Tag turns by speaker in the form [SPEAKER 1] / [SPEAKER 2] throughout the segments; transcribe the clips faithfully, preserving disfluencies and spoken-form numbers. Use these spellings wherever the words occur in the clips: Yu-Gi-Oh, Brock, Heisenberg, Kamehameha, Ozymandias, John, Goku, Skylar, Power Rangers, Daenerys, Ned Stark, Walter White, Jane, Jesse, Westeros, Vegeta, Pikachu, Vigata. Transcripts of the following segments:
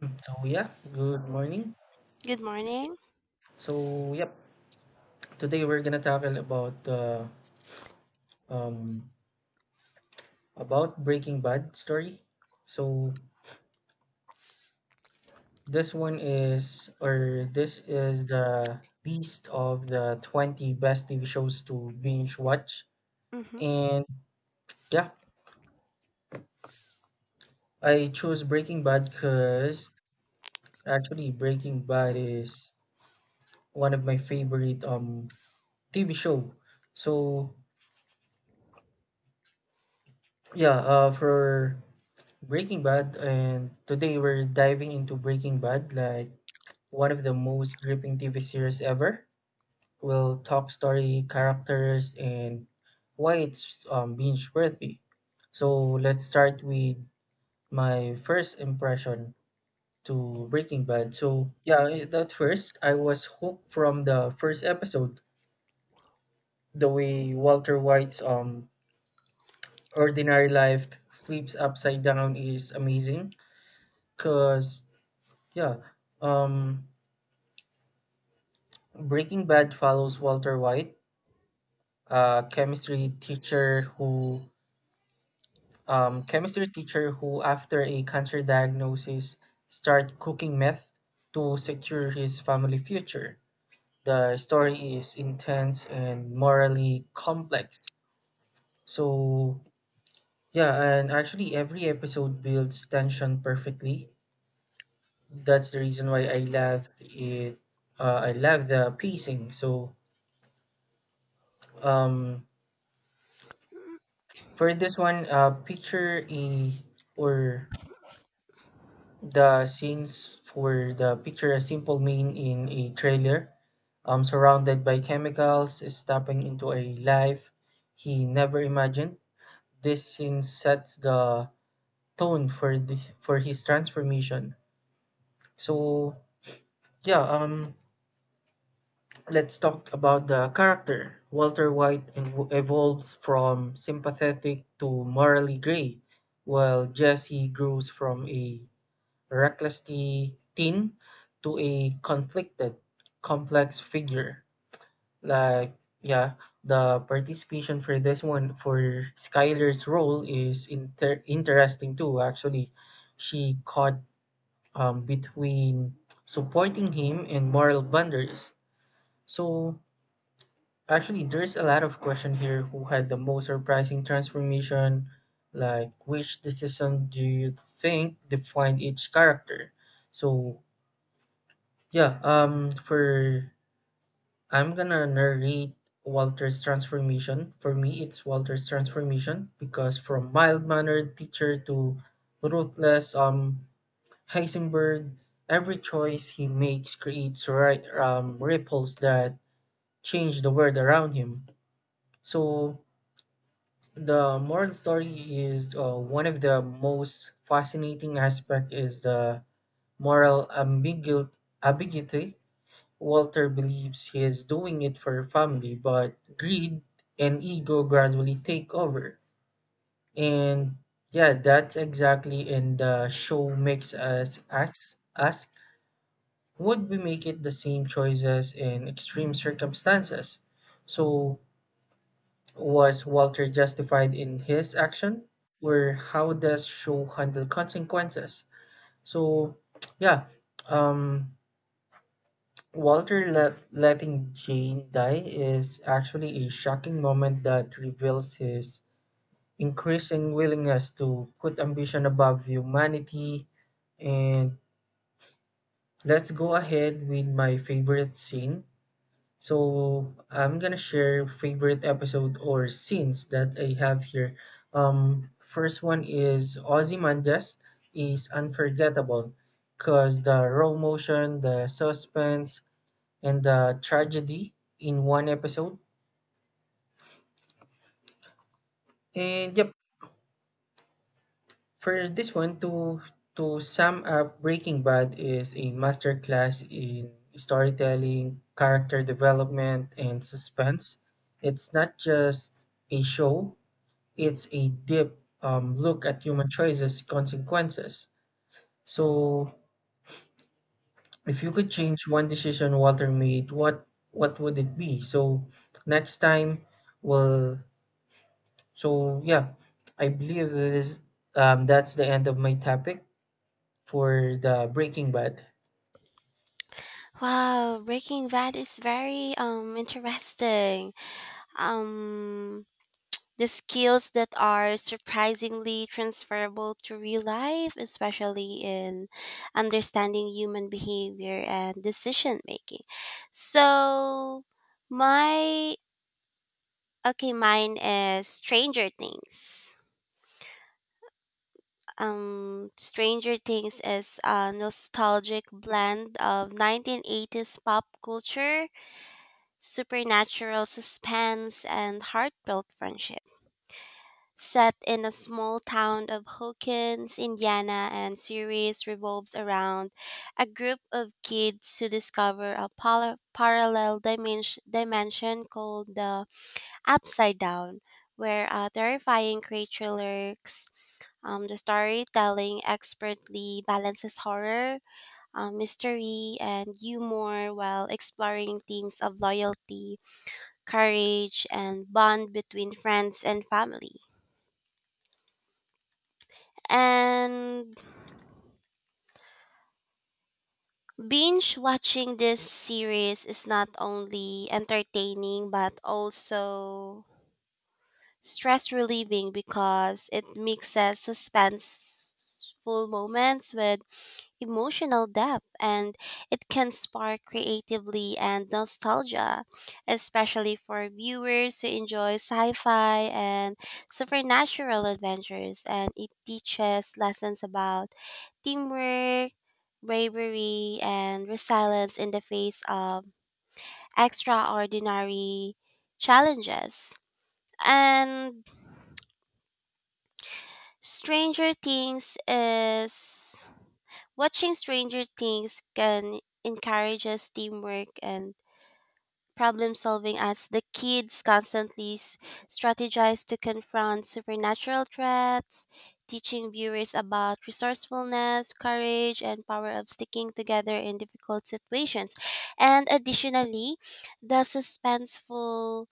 [SPEAKER 1] Mm, So yeah, good morning.
[SPEAKER 2] Good morning.
[SPEAKER 1] So yep, today we're gonna tackle about uh, um about Breaking Bad story. So this one is or this is the beast of the twenty best T V shows to binge watch.
[SPEAKER 2] Hmm.
[SPEAKER 1] And yeah, I chose Breaking Bad because actually Breaking Bad is one of my favorite um T V show. So yeah, uh, for Breaking Bad, and today we're diving into Breaking Bad, like one of the most gripping T V series ever. We'll talk story, characters, and why it's um, binge worthy. So let's start with my first impression to Breaking Bad. So yeah, i- at first I was hooked from the first episode. The way Walter White's um ordinary life flips upside down is amazing. Cause yeah, um, Breaking Bad follows Walter White, a chemistry teacher who, um, chemistry teacher who, after a cancer diagnosis, start cooking meth to secure his family future. The story is intense and morally complex. So yeah, and actually every episode builds tension perfectly. That's the reason why I love it. Uh, I love the pacing. So um for this one uh picture a or the scenes for the picture a simple man in a trailer um surrounded by chemicals stepping into a life he never imagined. This scene sets the tone for the for his transformation. So yeah, um let's talk about the character. Walter White ev- evolves from sympathetic to morally gray, while Jesse grows from a reckless te- teen to a conflicted, complex figure. Like, yeah, the participation for this one, for Skylar's role, is inter- interesting too, actually. She caught um, between supporting him and moral boundaries. So, actually, there's a lot of question here who had the most surprising transformation. Like, which decision do you think defined each character? So, yeah, um, for I'm gonna narrate Walter's transformation. For me, it's Walter's transformation because from mild-mannered teacher to ruthless um Heisenberg, every choice he makes creates right um ripples that change the world around him. So the moral story is uh, one of the most fascinating aspect is the moral ambigu- ambiguity. Walter believes he is doing it for family, but greed and ego gradually take over. And yeah, that's exactly in the show makes us ask, ask would we make it the same choices in extreme circumstances? So was Walter justified in his action? Or how does Shaw handle consequences? So, yeah, um, Walter let, letting Jane die is actually a shocking moment that reveals his increasing willingness to put ambition above humanity. And let's go ahead with my favorite scene. So I'm gonna share favorite episode or scenes that I have here. Um, first one is Ozymandias is unforgettable because the raw motion, the suspense, and the tragedy in one episode. And yep, for this one to to sum up, Breaking Bad is a masterclass in storytelling, character development, and suspense. It's not just a show, it's a deep um, look at human choices consequences. So if you could change one decision Walter made, what what would it be? So next time, well, so yeah, I believe that is um, that's the end of my topic for the Breaking Bad.
[SPEAKER 2] Wow, Breaking Bad is very um interesting. Um, the skills that are surprisingly transferable to real life, especially in understanding human behavior and decision making. So, my okay, mine is Stranger Things. um Stranger Things is a nostalgic blend of nineteen eighties pop culture, supernatural suspense, and heartfelt friendship. Set in a small town of Hawkins, Indiana, and series revolves around a group of kids who discover a pal- parallel dimension, dimension called the Upside Down, where a terrifying creature lurks. Um, the storytelling expertly balances horror, um, mystery, and humor while exploring themes of loyalty, courage, and bond between friends and family. And binge watching this series is not only entertaining but also stress relieving because it mixes suspenseful moments with emotional depth, and it can spark creatively and nostalgia, especially for viewers who enjoy sci fi and supernatural adventures. And it teaches lessons about teamwork, bravery, and resilience in the face of extraordinary challenges. And Stranger Things is, watching Stranger Things can encourage us teamwork and problem solving as the kids constantly s- strategize to confront supernatural threats, teaching viewers about resourcefulness, courage, and power of sticking together in difficult situations. And additionally, the suspenseful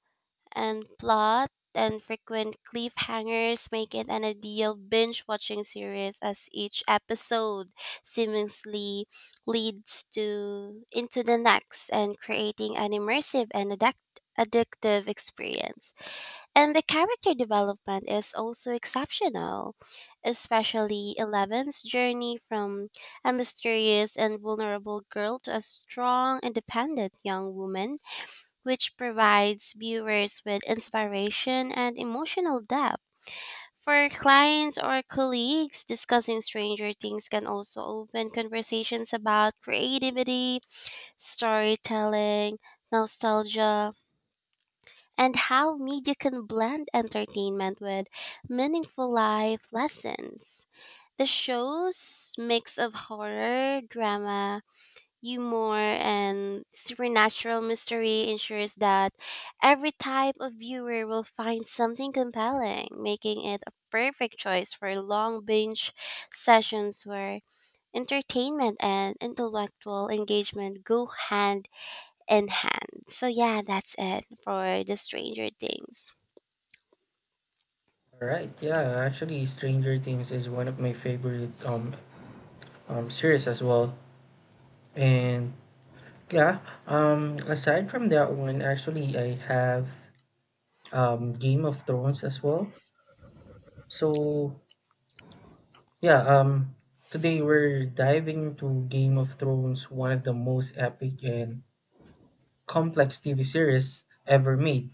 [SPEAKER 2] and plot and frequent cliffhangers make it an ideal binge watching series as each episode seamlessly leads to into the next and creating an immersive and addic- addictive experience. And the character development is also exceptional, especially Eleven's journey from a mysterious and vulnerable girl to a strong, independent young woman, which provides viewers with inspiration and emotional depth. For clients or colleagues, discussing Stranger Things can also open conversations about creativity, storytelling, nostalgia, and how media can blend entertainment with meaningful life lessons. The show's mix of horror, drama, humor, and supernatural mystery ensures that every type of viewer will find something compelling, making it a perfect choice for long binge sessions where entertainment and intellectual engagement go hand in hand. So, yeah, that's it for the Stranger Things.
[SPEAKER 1] All right, yeah, actually Stranger Things is one of my favorite um, um series as well. And yeah, um aside from that one, actually I have um, Game of Thrones as well. So yeah, um, today we're diving into Game of Thrones, one of the most epic and complex T V series ever made.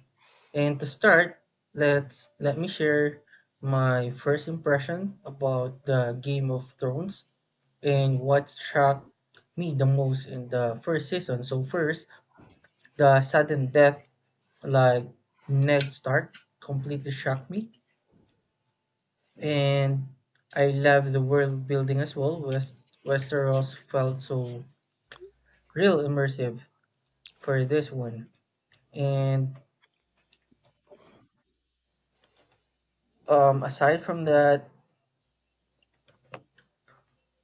[SPEAKER 1] And to start, let's let me share my first impression about the Game of Thrones and what shocked me the most in the first season. So first, the sudden death like Ned Stark completely shocked me. And I love the world building as well. West Westeros felt so real immersive for this one. And um, aside from that,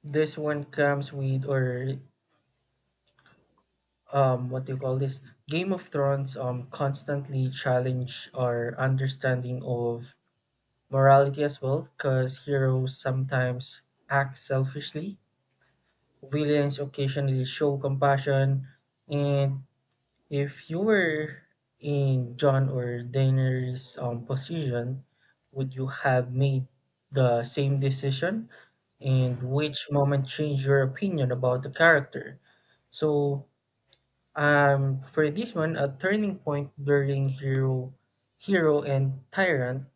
[SPEAKER 1] this one comes with or um, what do you call this? Game of Thrones um constantly challenge our understanding of morality as well, because heroes sometimes act selfishly, villains occasionally show compassion, and if you were in John or Daenerys' um, position, would you have made the same decision? And which moment changed your opinion about the character? So, um, for this one, a turning point during hero, hero and tyrant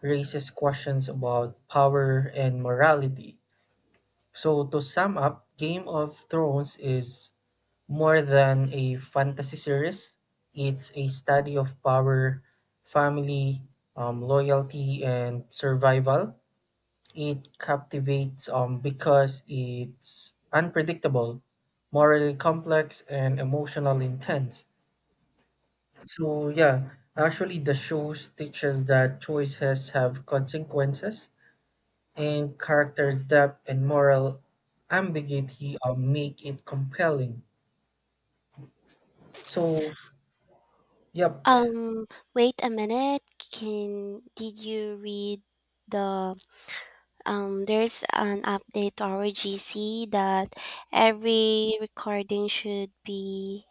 [SPEAKER 1] raises questions about power and morality. So, to sum up, Game of Thrones is more than a fantasy series, it's a study of power, family, um, loyalty, and survival. It captivates um, because it's unpredictable, morally complex, and emotionally intense. So, yeah, actually, the show teaches that choices have consequences, and characters' depth and moral ambiguity um, make it compelling. So, yep,
[SPEAKER 2] Um, wait a minute. Can Did you read the um, there's an update to our G C that every recording should be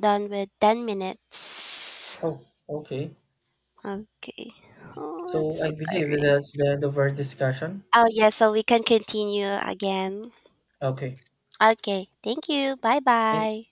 [SPEAKER 2] done with ten minutes.
[SPEAKER 1] oh, okay.
[SPEAKER 2] Okay. Oh, that's
[SPEAKER 1] So
[SPEAKER 2] so
[SPEAKER 1] I believe
[SPEAKER 2] tiring.
[SPEAKER 1] that's the end of our discussion.
[SPEAKER 2] Oh, yeah, so we can continue again.
[SPEAKER 1] Okay.
[SPEAKER 2] Okay. Thank you. Bye
[SPEAKER 1] Thank
[SPEAKER 2] bye.